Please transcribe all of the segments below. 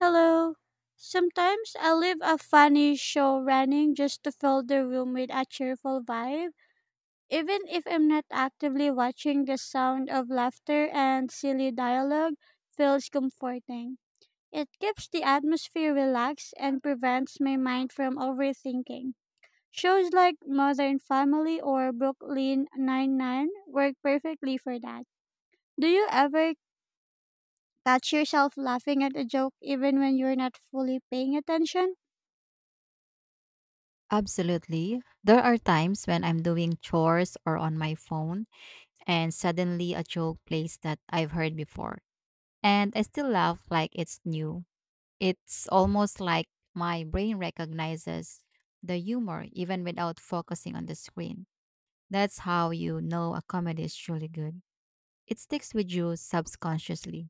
Hello. Sometimes I leave a funny show running just to fill the room with a cheerful vibe. Even if I'm not actively watching, the sound of laughter and silly dialogue feels comforting. It keeps the atmosphere relaxed and prevents my mind from overthinking. Shows like Modern Family or Brooklyn Nine-Nine work perfectly for that. Do you ever catch yourself laughing at a joke even when you're not fully paying attention? Absolutely. There are times when I'm doing chores or on my phone and suddenly a joke plays that I've heard before. And I still laugh like it's new. It's almost like my brain recognizes the humor even without focusing on the screen. That's how you know a comedy is truly good. It sticks with you subconsciously.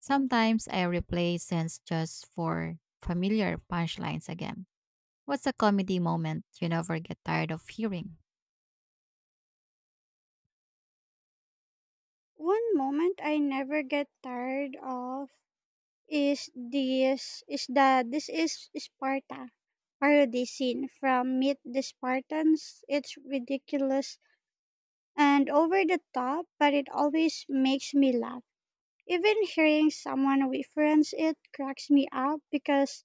Sometimes I replay scenes just for familiar punchlines again. What's a comedy moment you never get tired of hearing? One moment I never get tired of is this is Sparta parody scene from Meet the Spartans. It's ridiculous and over the top, but it always makes me laugh. Even hearing someone reference it cracks me up because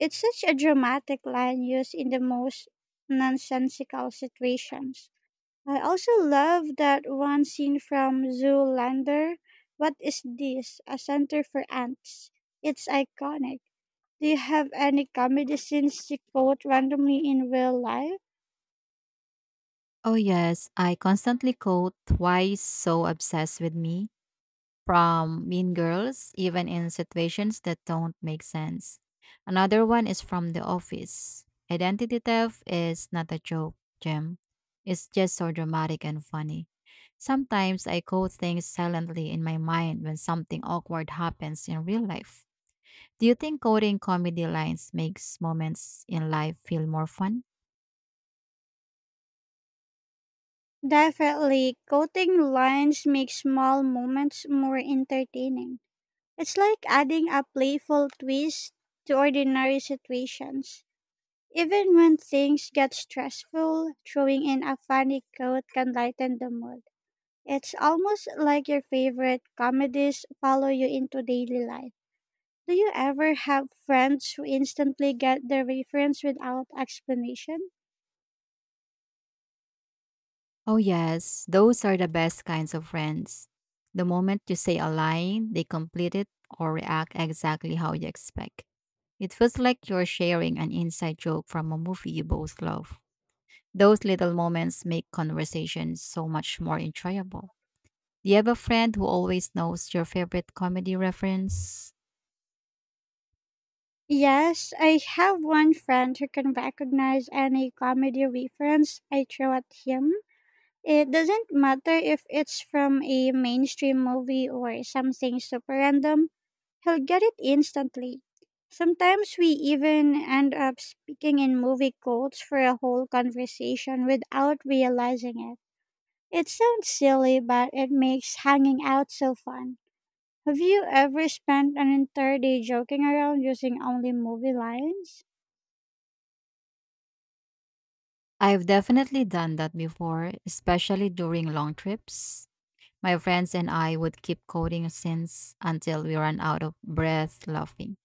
it's such a dramatic line used in the most nonsensical situations. I also love that one scene from Zoolander. What is this? A center for ants. It's iconic. Do you have any comedy scenes you quote randomly in real life? Oh, yes. I constantly quote why is so obsessed with me from Mean Girls, even in situations that don't make sense. Another one is from The Office. Identity theft is not a joke, Jim. It's just so dramatic and funny. Sometimes I quote things silently in my mind when something awkward happens in real life. Do you think quoting comedy lines makes moments in life feel more fun? Definitely, quoting lines makes small moments more entertaining. It's like adding a playful twist to ordinary situations. Even when things get stressful, throwing in a funny quote can lighten the mood. It's almost like your favorite comedies follow you into daily life. Do you ever have friends who instantly get the reference without explanation? Oh, yes, those are the best kinds of friends. The moment you say a line, they complete it or react exactly how you expect. It feels like you're sharing an inside joke from a movie you both love. Those little moments make conversations so much more enjoyable. Do you have a friend who always knows your favorite comedy reference? Yes, I have one friend who can recognize any comedy reference I throw at him. It doesn't matter if it's from a mainstream movie or something super random, he'll get it instantly. Sometimes we even end up speaking in movie quotes for a whole conversation without realizing it. It sounds silly, but it makes hanging out so fun. Have you ever spent an entire day joking around using only movie lines? I've definitely done that before, especially during long trips. My friends and I would keep quoting scenes until we ran out of breath laughing.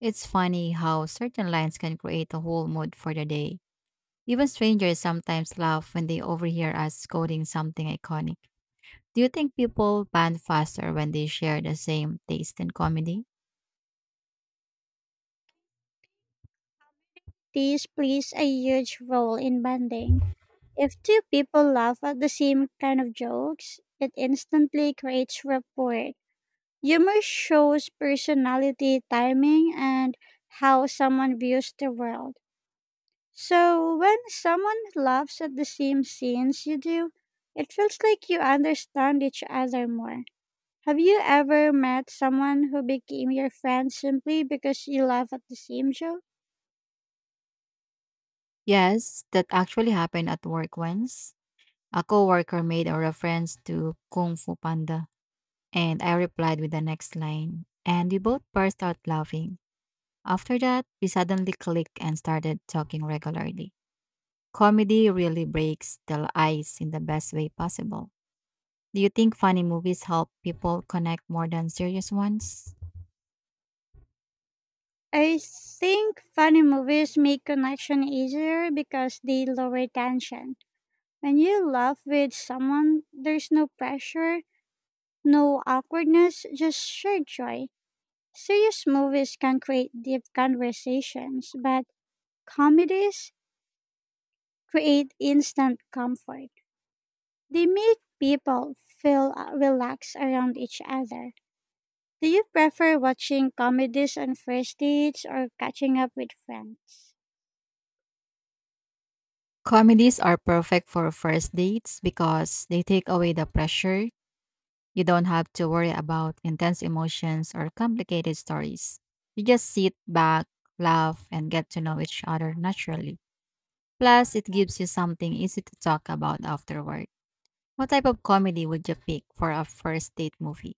It's funny how certain lines can create a whole mood for the day. Even strangers sometimes laugh when they overhear us quoting something iconic. Do you think people bond faster when they share the same taste in comedy? These plays a huge role in bonding. If two people laugh at the same kind of jokes, it instantly creates rapport. Humor shows personality, timing, and how someone views the world. So when someone laughs at the same scenes you do, it feels like you understand each other more. Have you ever met someone who became your friend simply because you laugh at the same joke? Yes, that actually happened at work once. A coworker made a reference to Kung Fu Panda, and I replied with the next line, and we both burst out laughing. After that, we suddenly clicked and started talking regularly. Comedy really breaks the ice in the best way possible. Do you think funny movies help people connect more than serious ones? I think funny movies make connection easier because they lower tension. When you laugh with someone, there's no pressure, no awkwardness, just shared joy. Serious movies can create deep conversations, but comedies create instant comfort. They make people feel relaxed around each other. Do you prefer watching comedies on first dates or catching up with friends? Comedies are perfect for first dates because they take away the pressure. You don't have to worry about intense emotions or complicated stories. You just sit back, laugh, and get to know each other naturally. Plus, it gives you something easy to talk about afterward. What type of comedy would you pick for a first date movie?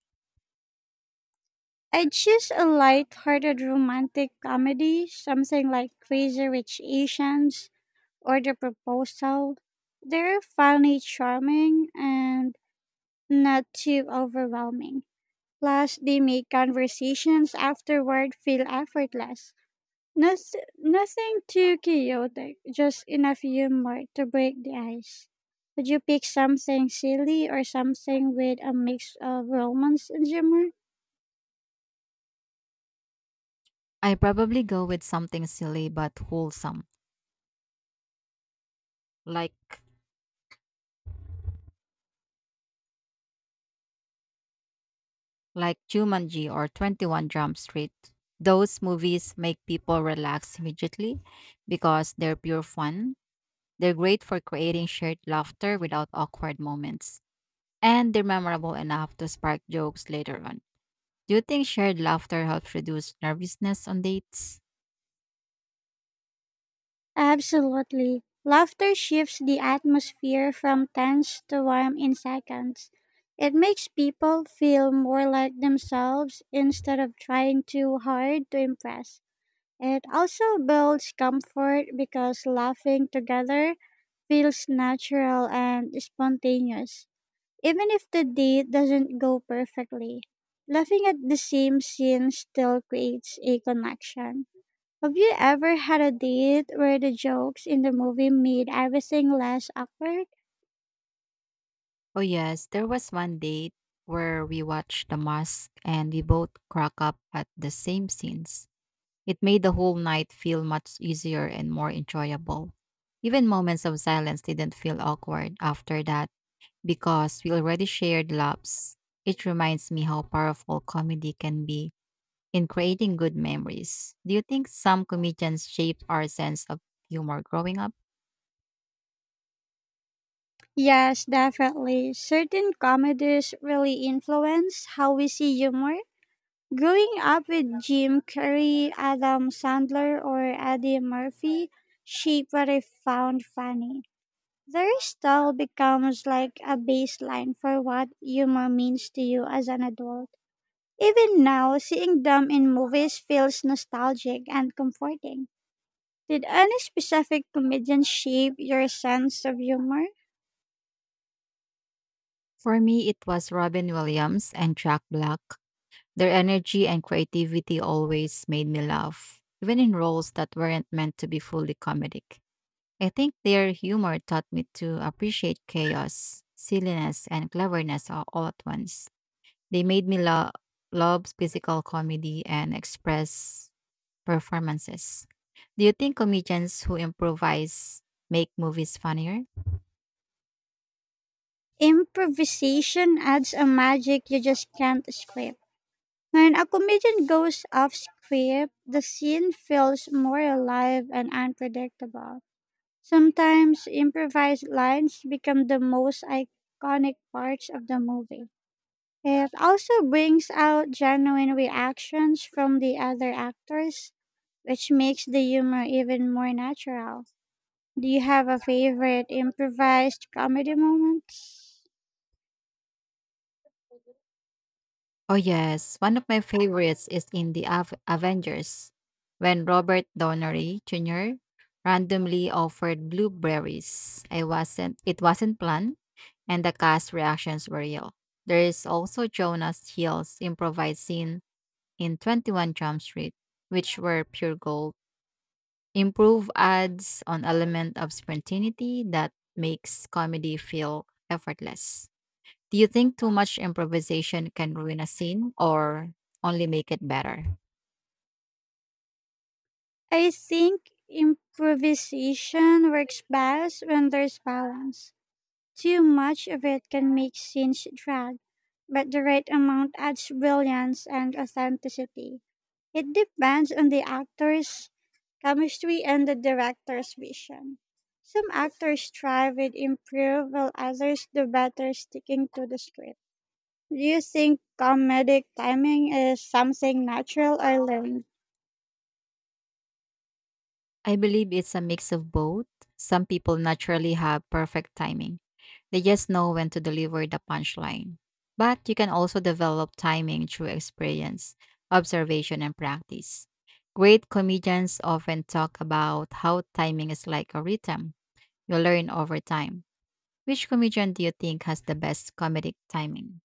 I'd choose a light-hearted romantic comedy, something like Crazy Rich Asians or The Proposal. They're funny, charming, and not too overwhelming. Plus, they make conversations afterward feel effortless. Nothing too chaotic, just enough humor to break the ice. Would you pick something silly or something with a mix of romance and humor? I probably go with something silly but wholesome, like like Jumanji or 21 Jump Street. Those movies make people relax immediately because they're pure fun. They're great for creating shared laughter without awkward moments, and they're memorable enough to spark jokes later on. Do you think shared laughter helps reduce nervousness on dates? Absolutely. Laughter shifts the atmosphere from tense to warm in seconds. It makes people feel more like themselves instead of trying too hard to impress. It also builds comfort because laughing together feels natural and spontaneous, even if the date doesn't go perfectly. Laughing at the same scene still creates a connection. Have you ever had a date where the jokes in the movie made everything less awkward? Oh yes, there was one date where we watched The Mask and we both crack up at the same scenes. It made the whole night feel much easier and more enjoyable. Even moments of silence didn't feel awkward after that because we already shared laughs. It reminds me how powerful comedy can be in creating good memories. Do you think some comedians shaped our sense of humor growing up? Yes, definitely. Certain comedies really influence how we see humor. Growing up with Jim Carrey, Adam Sandler, or Eddie Murphy shaped what I found funny. Their style becomes like a baseline for what humor means to you as an adult. Even now, seeing them in movies feels nostalgic and comforting. Did any specific comedian shape your sense of humor? For me, it was Robin Williams and Jack Black. Their energy and creativity always made me laugh, even in roles that weren't meant to be fully comedic. I think their humor taught me to appreciate chaos, silliness, and cleverness all at once. They love physical comedy and express performances. Do you think comedians who improvise make movies funnier? Improvisation adds a magic you just can't script. When a comedian goes off script, the scene feels more alive and unpredictable. Sometimes improvised lines become the most iconic parts of the movie. It also brings out genuine reactions from the other actors, which makes the humor even more natural. Do you have a favorite improvised comedy moment? Oh, yes. One of my favorites is in the Avengers when Robert Downey Jr. randomly offered blueberries. I wasn't, It wasn't planned and the cast reactions were real. There is also Jonas Hill's improvised scene in 21 Jump Street, which were pure gold. Improve adds an element of spontaneity that makes comedy feel effortless. Do you think too much improvisation can ruin a scene or only make it better? I think improvisation works best when there's balance. Too much of it can make scenes drag, but the right amount adds brilliance and authenticity. It depends on the actor's chemistry and the director's vision. Some actors thrive with improv, while others do better sticking to the script. Do you think comedic timing is something natural or learned? I believe it's a mix of both. Some people naturally have perfect timing. They just know when to deliver the punchline. But you can also develop timing through experience, observation, and practice. Great comedians often talk about how timing is like a rhythm you learn over time. Which comedian do you think has the best comedic timing?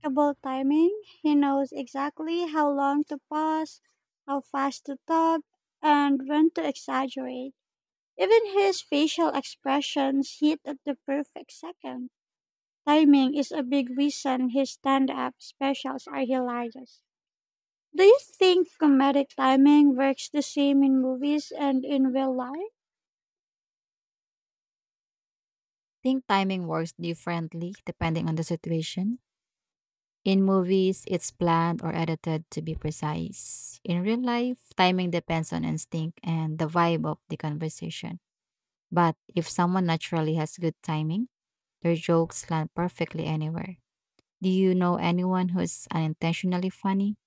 Impeccable timing. He knows exactly how long to pause, how fast to talk, and when to exaggerate. Even his facial expressions hit at the perfect second. Timing is a big reason his stand up specials are hilarious. Do you think comedic timing works the same in movies and in real life? Think timing works differently depending on the situation. In movies, it's planned or edited to be precise. In real life, timing depends on instinct and the vibe of the conversation. But if someone naturally has good timing, their jokes land perfectly anywhere. Do you know anyone who's unintentionally funny?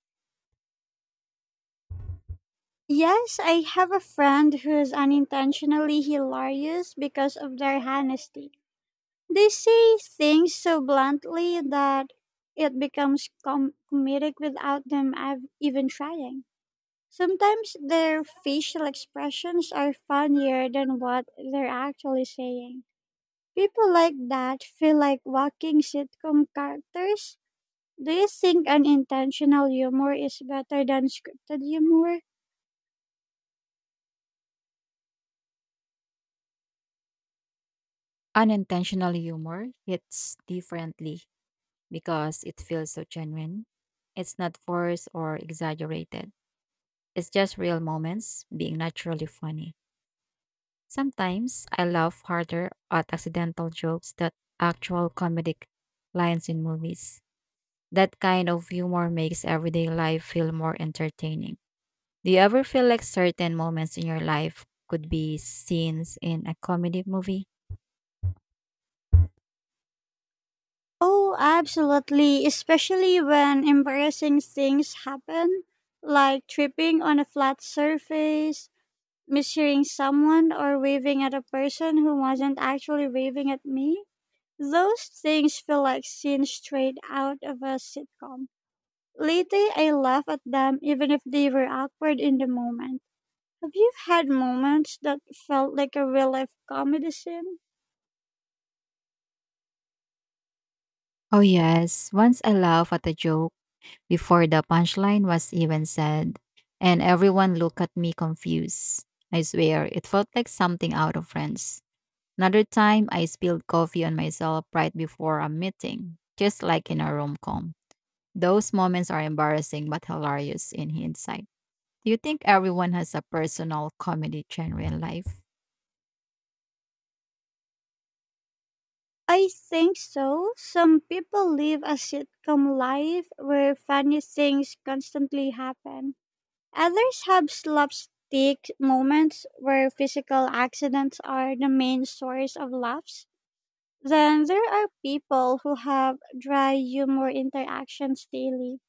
Yes, I have a friend who's unintentionally hilarious because of their honesty. They say things so bluntly that it becomes comedic without them even trying. Sometimes their facial expressions are funnier than what they're actually saying. People like that feel like walking sitcom characters. Do you think unintentional humor is better than scripted humor? Unintentional humor hits differently because it feels so genuine. It's not forced or exaggerated. It's just real moments being naturally funny. Sometimes I laugh harder at accidental jokes than actual comedic lines in movies. That kind of humor makes everyday life feel more entertaining. Do you ever feel like certain moments in your life could be scenes in a comedy movie? Oh, absolutely, especially when embarrassing things happen, like tripping on a flat surface, mishearing someone, or waving at a person who wasn't actually waving at me. Those things feel like scenes straight out of a sitcom. Lately, I laugh at them even if they were awkward in the moment. Have you had moments that felt like a real life comedy scene? Oh, yes. Once I laughed at a joke before the punchline was even said, and everyone looked at me confused. I swear, it felt like something out of Friends. Another time, I spilled coffee on myself right before a meeting, just like in a rom com. Those moments are embarrassing but hilarious in hindsight. Do you think everyone has a personal comedy genre in life? I think so. Some people live a sitcom life where funny things constantly happen. Others have slapstick moments where physical accidents are the main source of laughs. Then there are people who have dry humor interactions daily.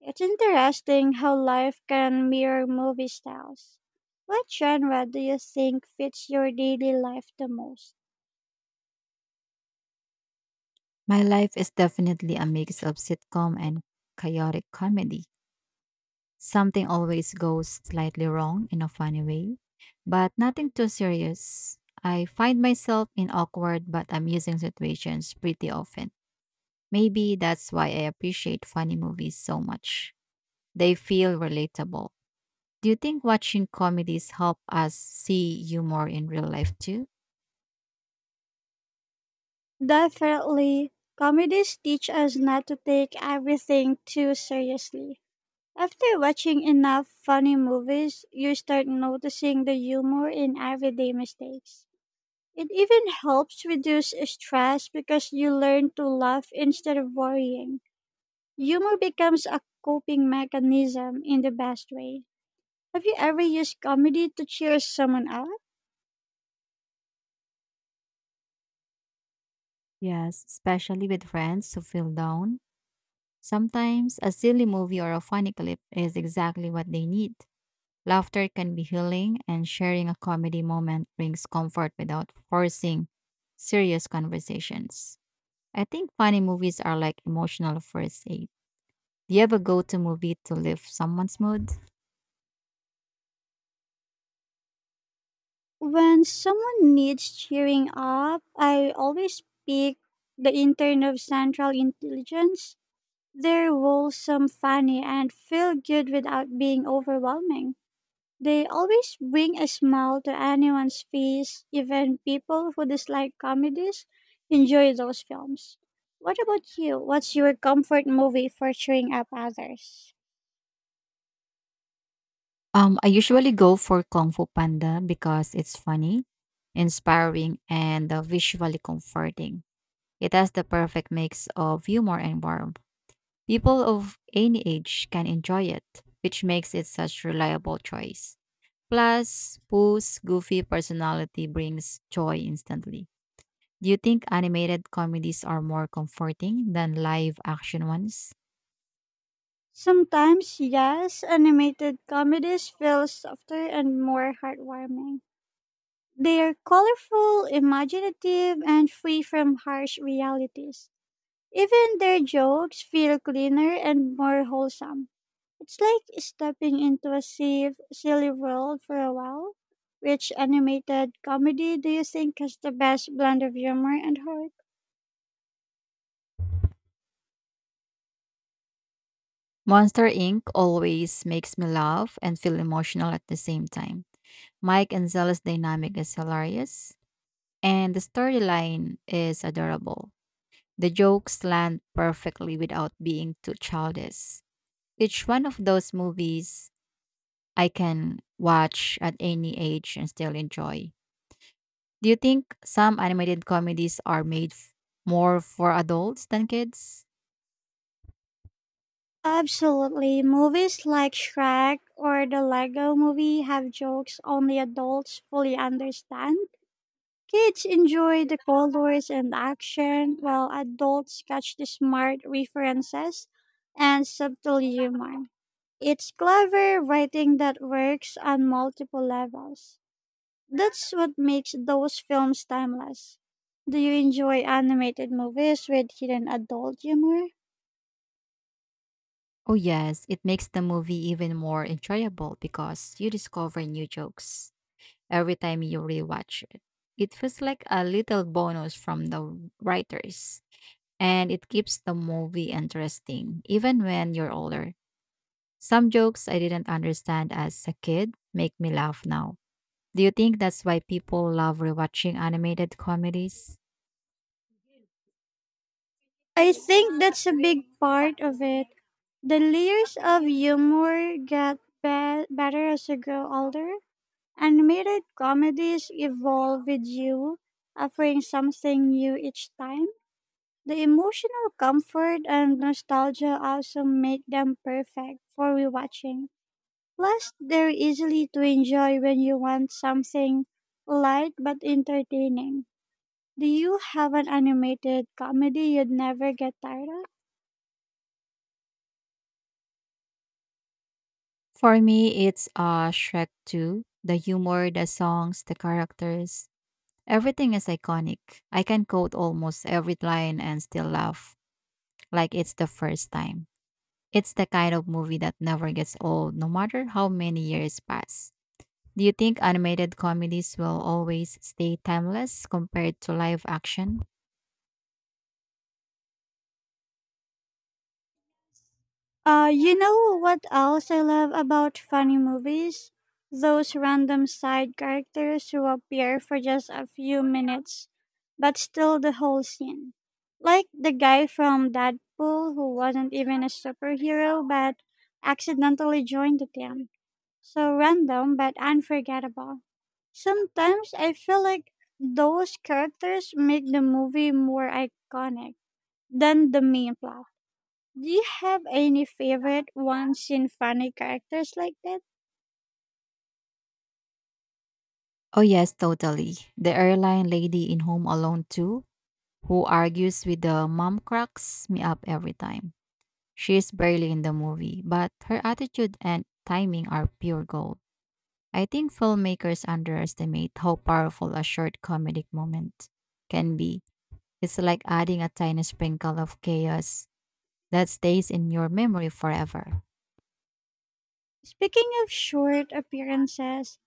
It's interesting how life can mirror movie styles. What genre do you think fits your daily life the most? My life is definitely a mix of sitcom and chaotic comedy. Something always goes slightly wrong in a funny way, but nothing too serious. I find myself in awkward but amusing situations pretty often. Maybe that's why I appreciate funny movies so much. They feel relatable. Do you think watching comedies help us see humor in real life too? Definitely. Comedies teach us not to take everything too seriously. After watching enough funny movies, you start noticing the humor in everyday mistakes. It even helps reduce stress because you learn to laugh instead of worrying. Humor becomes a coping mechanism in the best way. Have you ever used comedy to cheer someone up? Yes, especially with friends who feel down. Sometimes a silly movie or a funny clip is exactly what they need. Laughter can be healing, and sharing a comedy moment brings comfort without forcing serious conversations. I think funny movies are like emotional first aid. Do you ever go to movie to lift someone's mood? When someone needs cheering up, I always pick the intern of Central Intelligence. They're wholesome, funny, and feel good without being overwhelming. They always bring a smile to anyone's face, even people who dislike comedies enjoy those films. What about you? What's your comfort movie for cheering up others? I usually go for Kung Fu Panda because it's funny, inspiring, and visually comforting. It has the perfect mix of humor and warmth. People of any age can enjoy it, which makes it such reliable choice. Plus, Pooh's goofy personality brings joy instantly. Do you think animated comedies are more comforting than live action ones? Sometimes, yes, animated comedies feel softer and more heartwarming. They are colorful, imaginative, and free from harsh realities. Even their jokes feel cleaner and more wholesome. It's like stepping into a safe, silly world for a while. Which animated comedy do you think has the best blend of humor and heart? Monster Inc. always makes me laugh and feel emotional at the same time. Mike and Zella's dynamic is hilarious, and the storyline is adorable. The jokes land perfectly without being too childish. Each one of those movies I can watch at any age and still enjoy. Do you think some animated comedies are more for adults than kids? Absolutely. Movies like Shrek or the Lego movie have jokes only adults fully understand. Kids enjoy the colors and action, while adults catch the smart references and subtle humor. It's clever writing that works on multiple levels. That's what makes those films timeless. Do you enjoy animated movies with hidden adult humor? Oh, yes, it makes the movie even more enjoyable because you discover new jokes every time you rewatch it. It feels like a little bonus from the writers, and it keeps the movie interesting even when you're older. Some jokes I didn't understand as a kid make me laugh now. Do you think that's why people love rewatching animated comedies? I think that's a big part of it. The layers of humor get better as you grow older. Animated comedies evolve with you, offering something new each time. The emotional comfort and nostalgia also make them perfect for rewatching. Plus, they're easily to enjoy when you want something light but entertaining. Do you have an animated comedy you'd never get tired of? For me, it's Shrek 2. The humor, the songs, the characters. Everything is iconic. I can quote almost every line and still laugh like it's the first time. It's the kind of movie that never gets old, no matter how many years pass. Do you think animated comedies will always stay timeless compared to live action? You know what else I love about funny movies? Those random side characters who appear for just a few minutes, but still the whole scene. Like the guy from Deadpool who wasn't even a superhero but accidentally joined the team. So random but unforgettable. Sometimes I feel like those characters make the movie more iconic than the main plot. Do you have any favorite ones in funny characters like that? Oh, yes, totally. The airline lady in Home Alone 2, who argues with the mom, cracks me up every time. She is barely in the movie, but her attitude and timing are pure gold. I think filmmakers underestimate how powerful a short comedic moment can be. It's like adding a tiny sprinkle of chaos that stays in your memory forever. Speaking of short appearances,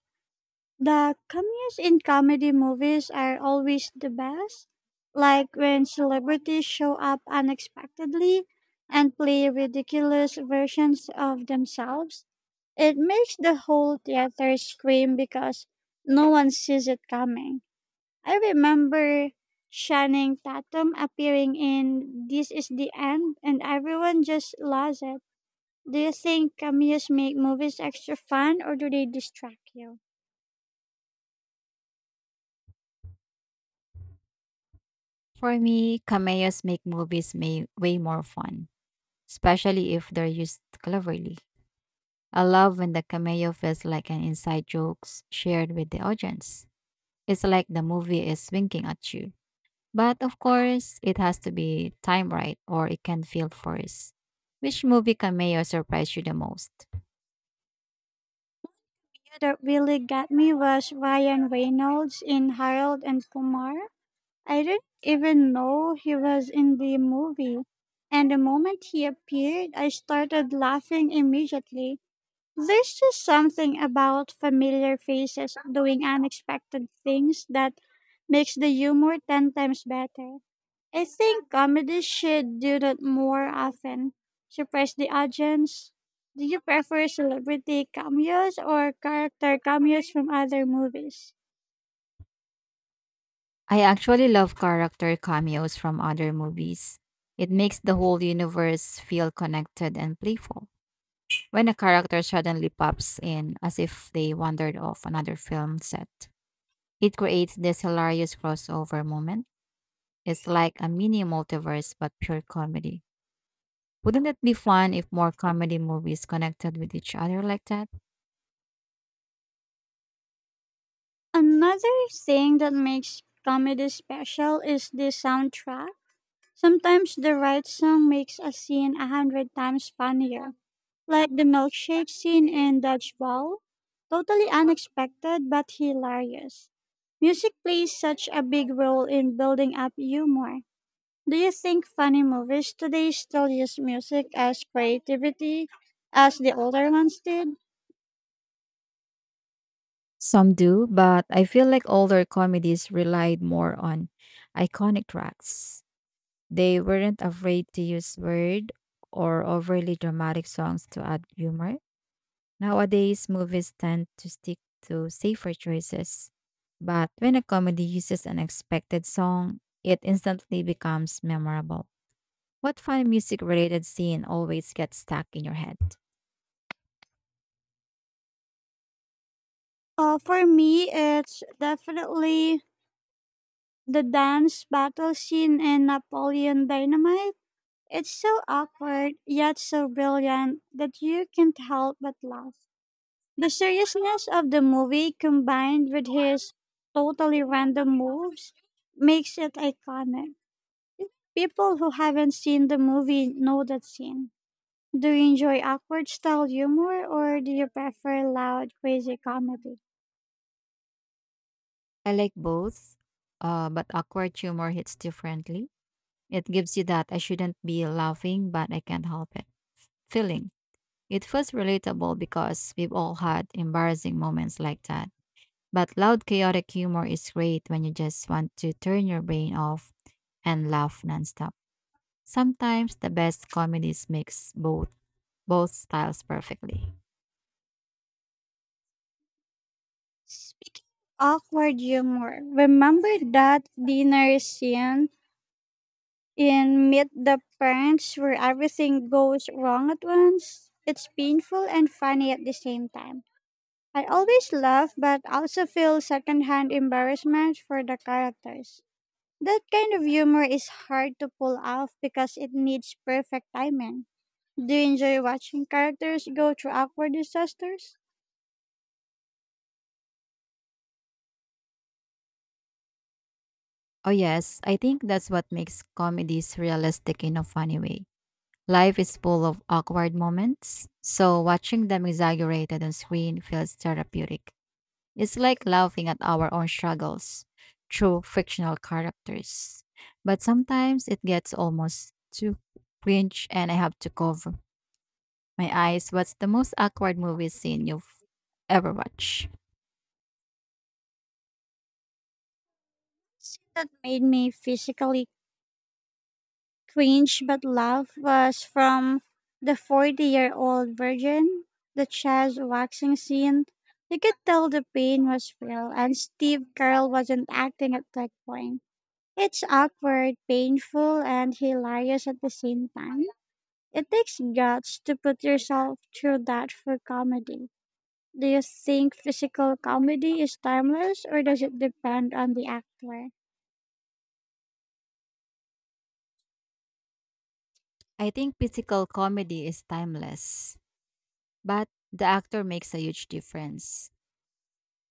the cameos in comedy movies are always the best. Like when celebrities show up unexpectedly and play ridiculous versions of themselves, it makes the whole theater scream because no one sees it coming. I remember Channing Tatum appearing in This Is the End, and everyone just loves it. Do you think cameos make movies extra fun or do they distract you? For me, cameos make movies way more fun, especially if they're used cleverly. I love when the cameo feels like an inside jokes shared with the audience. It's like the movie is winking at you. But of course, it has to be timed right or it can feel forced. Which movie cameo surprised you the most? Yeah, that really got me was Ryan Reynolds in Harold and Kumar. I didn't even know he was in the movie, and the moment he appeared, I started laughing immediately. There's just something about familiar faces doing unexpected things that makes the humor 10 times better. I think comedy should do that more often. Surprise the audience. Do you prefer celebrity cameos or character cameos from other movies? I actually love character cameos from other movies. It makes the whole universe feel connected and playful. When a character suddenly pops in as if they wandered off another film set, it creates this hilarious crossover moment. It's like a mini multiverse but pure comedy. Wouldn't it be fun if more comedy movies connected with each other like that? Another thing that makes comedy special is the soundtrack. Sometimes the right song makes a scene 100 times funnier. Like the milkshake scene in Dodgeball? Totally unexpected but hilarious. Music plays such a big role in building up humor. Do you think funny movies today still use music as creativity as the older ones did? Some do, but I feel like older comedies relied more on iconic tracks. They weren't afraid to use weird or overly dramatic songs to add humor. Nowadays, movies tend to stick to safer choices. But when a comedy uses an expected song, it instantly becomes memorable. What fun music related scene always gets stuck in your head? For me, it's definitely the dance battle scene in Napoleon Dynamite. It's so awkward, yet so brilliant that you can't help but laugh. The seriousness of the movie combined with his totally random moves makes it iconic. People who haven't seen the movie know that scene. Do you enjoy awkward style humor or do you prefer loud, crazy comedy? I like both, but awkward humor hits differently. It gives you that I shouldn't be laughing, but I can't help it. Feeling. It feels relatable because we've all had embarrassing moments like that. But loud, chaotic humor is great when you just want to turn your brain off and laugh nonstop. Sometimes the best comedies mix both styles perfectly. Awkward humor. Remember that dinner scene in Meet the Parents where everything goes wrong at once? It's painful and funny at the same time. I always laugh, but also feel secondhand embarrassment for the characters. That kind of humor is hard to pull off because it needs perfect timing. Do you enjoy watching characters go through awkward disasters? Oh yes, I think that's what makes comedies realistic in a funny way. Life is full of awkward moments, so watching them exaggerated on screen feels therapeutic. It's like laughing at our own struggles through fictional characters. But sometimes it gets almost too cringe and I have to cover my eyes. What's the most awkward movie scene you've ever watched? Scene that made me physically cringe but laugh was from the 40-year-old year old virgin, the Chaz waxing scene. You could tell the pain was real, and Steve Carell wasn't acting at that point. It's awkward, painful, and hilarious at the same time. It takes guts to put yourself through that for comedy. Do you think physical comedy is timeless or does it depend on the actor? I think physical comedy is timeless, but the actor makes a huge difference.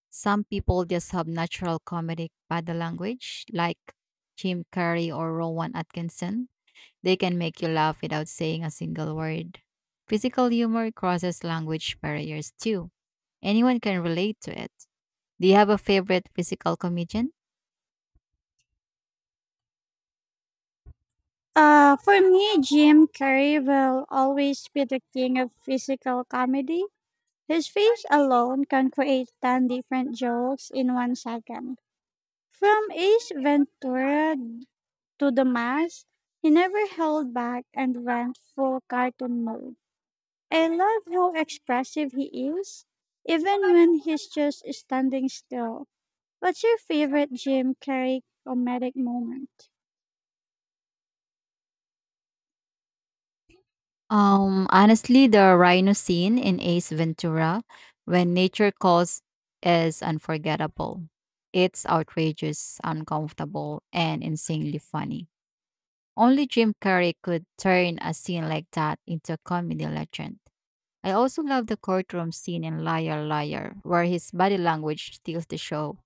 Some people just have natural comedic body language, like Jim Carrey or Rowan Atkinson. They can make you laugh without saying a single word. Physical humor crosses language barriers too. Anyone can relate to it. Do you have a favorite physical comedian? For me, Jim Carrey will always be the king of physical comedy. His face alone can create 10 different jokes in 1 second. From Ace Ventura to the mass, he never held back and went full cartoon mode. I love how expressive he is, even when he's just standing still. What's your favorite Jim Carrey comedic moment? Honestly, the rhino scene in Ace Ventura when nature calls is unforgettable. It's outrageous, uncomfortable, and insanely funny. Only Jim Carrey could turn a scene like that into a comedy legend. I also love the courtroom scene in Liar Liar, where his body language steals the show.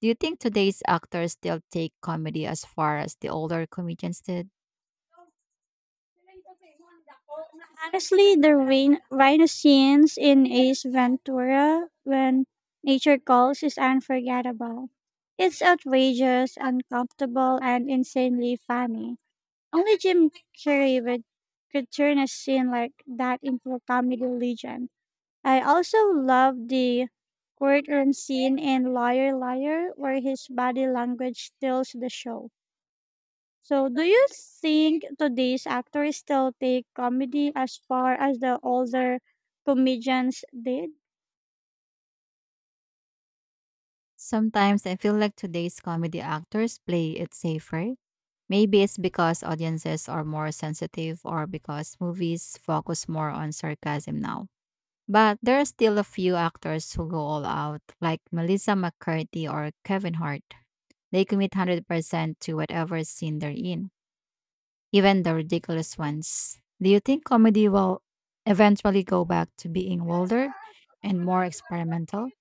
Do you think today's actors still take comedy as far as the older comedians did? Honestly, the rain rhino scenes in Ace Ventura when nature calls is unforgettable. It's outrageous, uncomfortable, and insanely funny. Only Carrey would, could turn a scene like that into a comedy legend. I also love the courtroom scene in Liar Liar where his body language steals the show. So, do you think today's actors still take comedy as far as the older comedians did? Sometimes I feel like today's comedy actors play it safer. Maybe it's because audiences are more sensitive or because movies focus more on sarcasm now. But there are still a few actors who go all out, like Melissa McCarthy or Kevin Hart. They commit 100% to whatever scene they're in, even the ridiculous ones. Do you think comedy will eventually go back to being bolder and more experimental?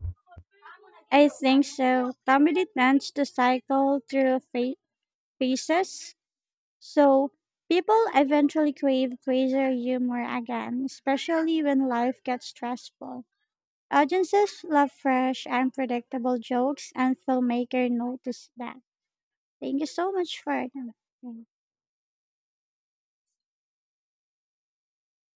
I think so. Comedy tends to cycle through phases. So people eventually crave crazier humor again, especially when life gets stressful. Audiences love fresh, unpredictable jokes, and filmmakers notice that. Thank you so much for that.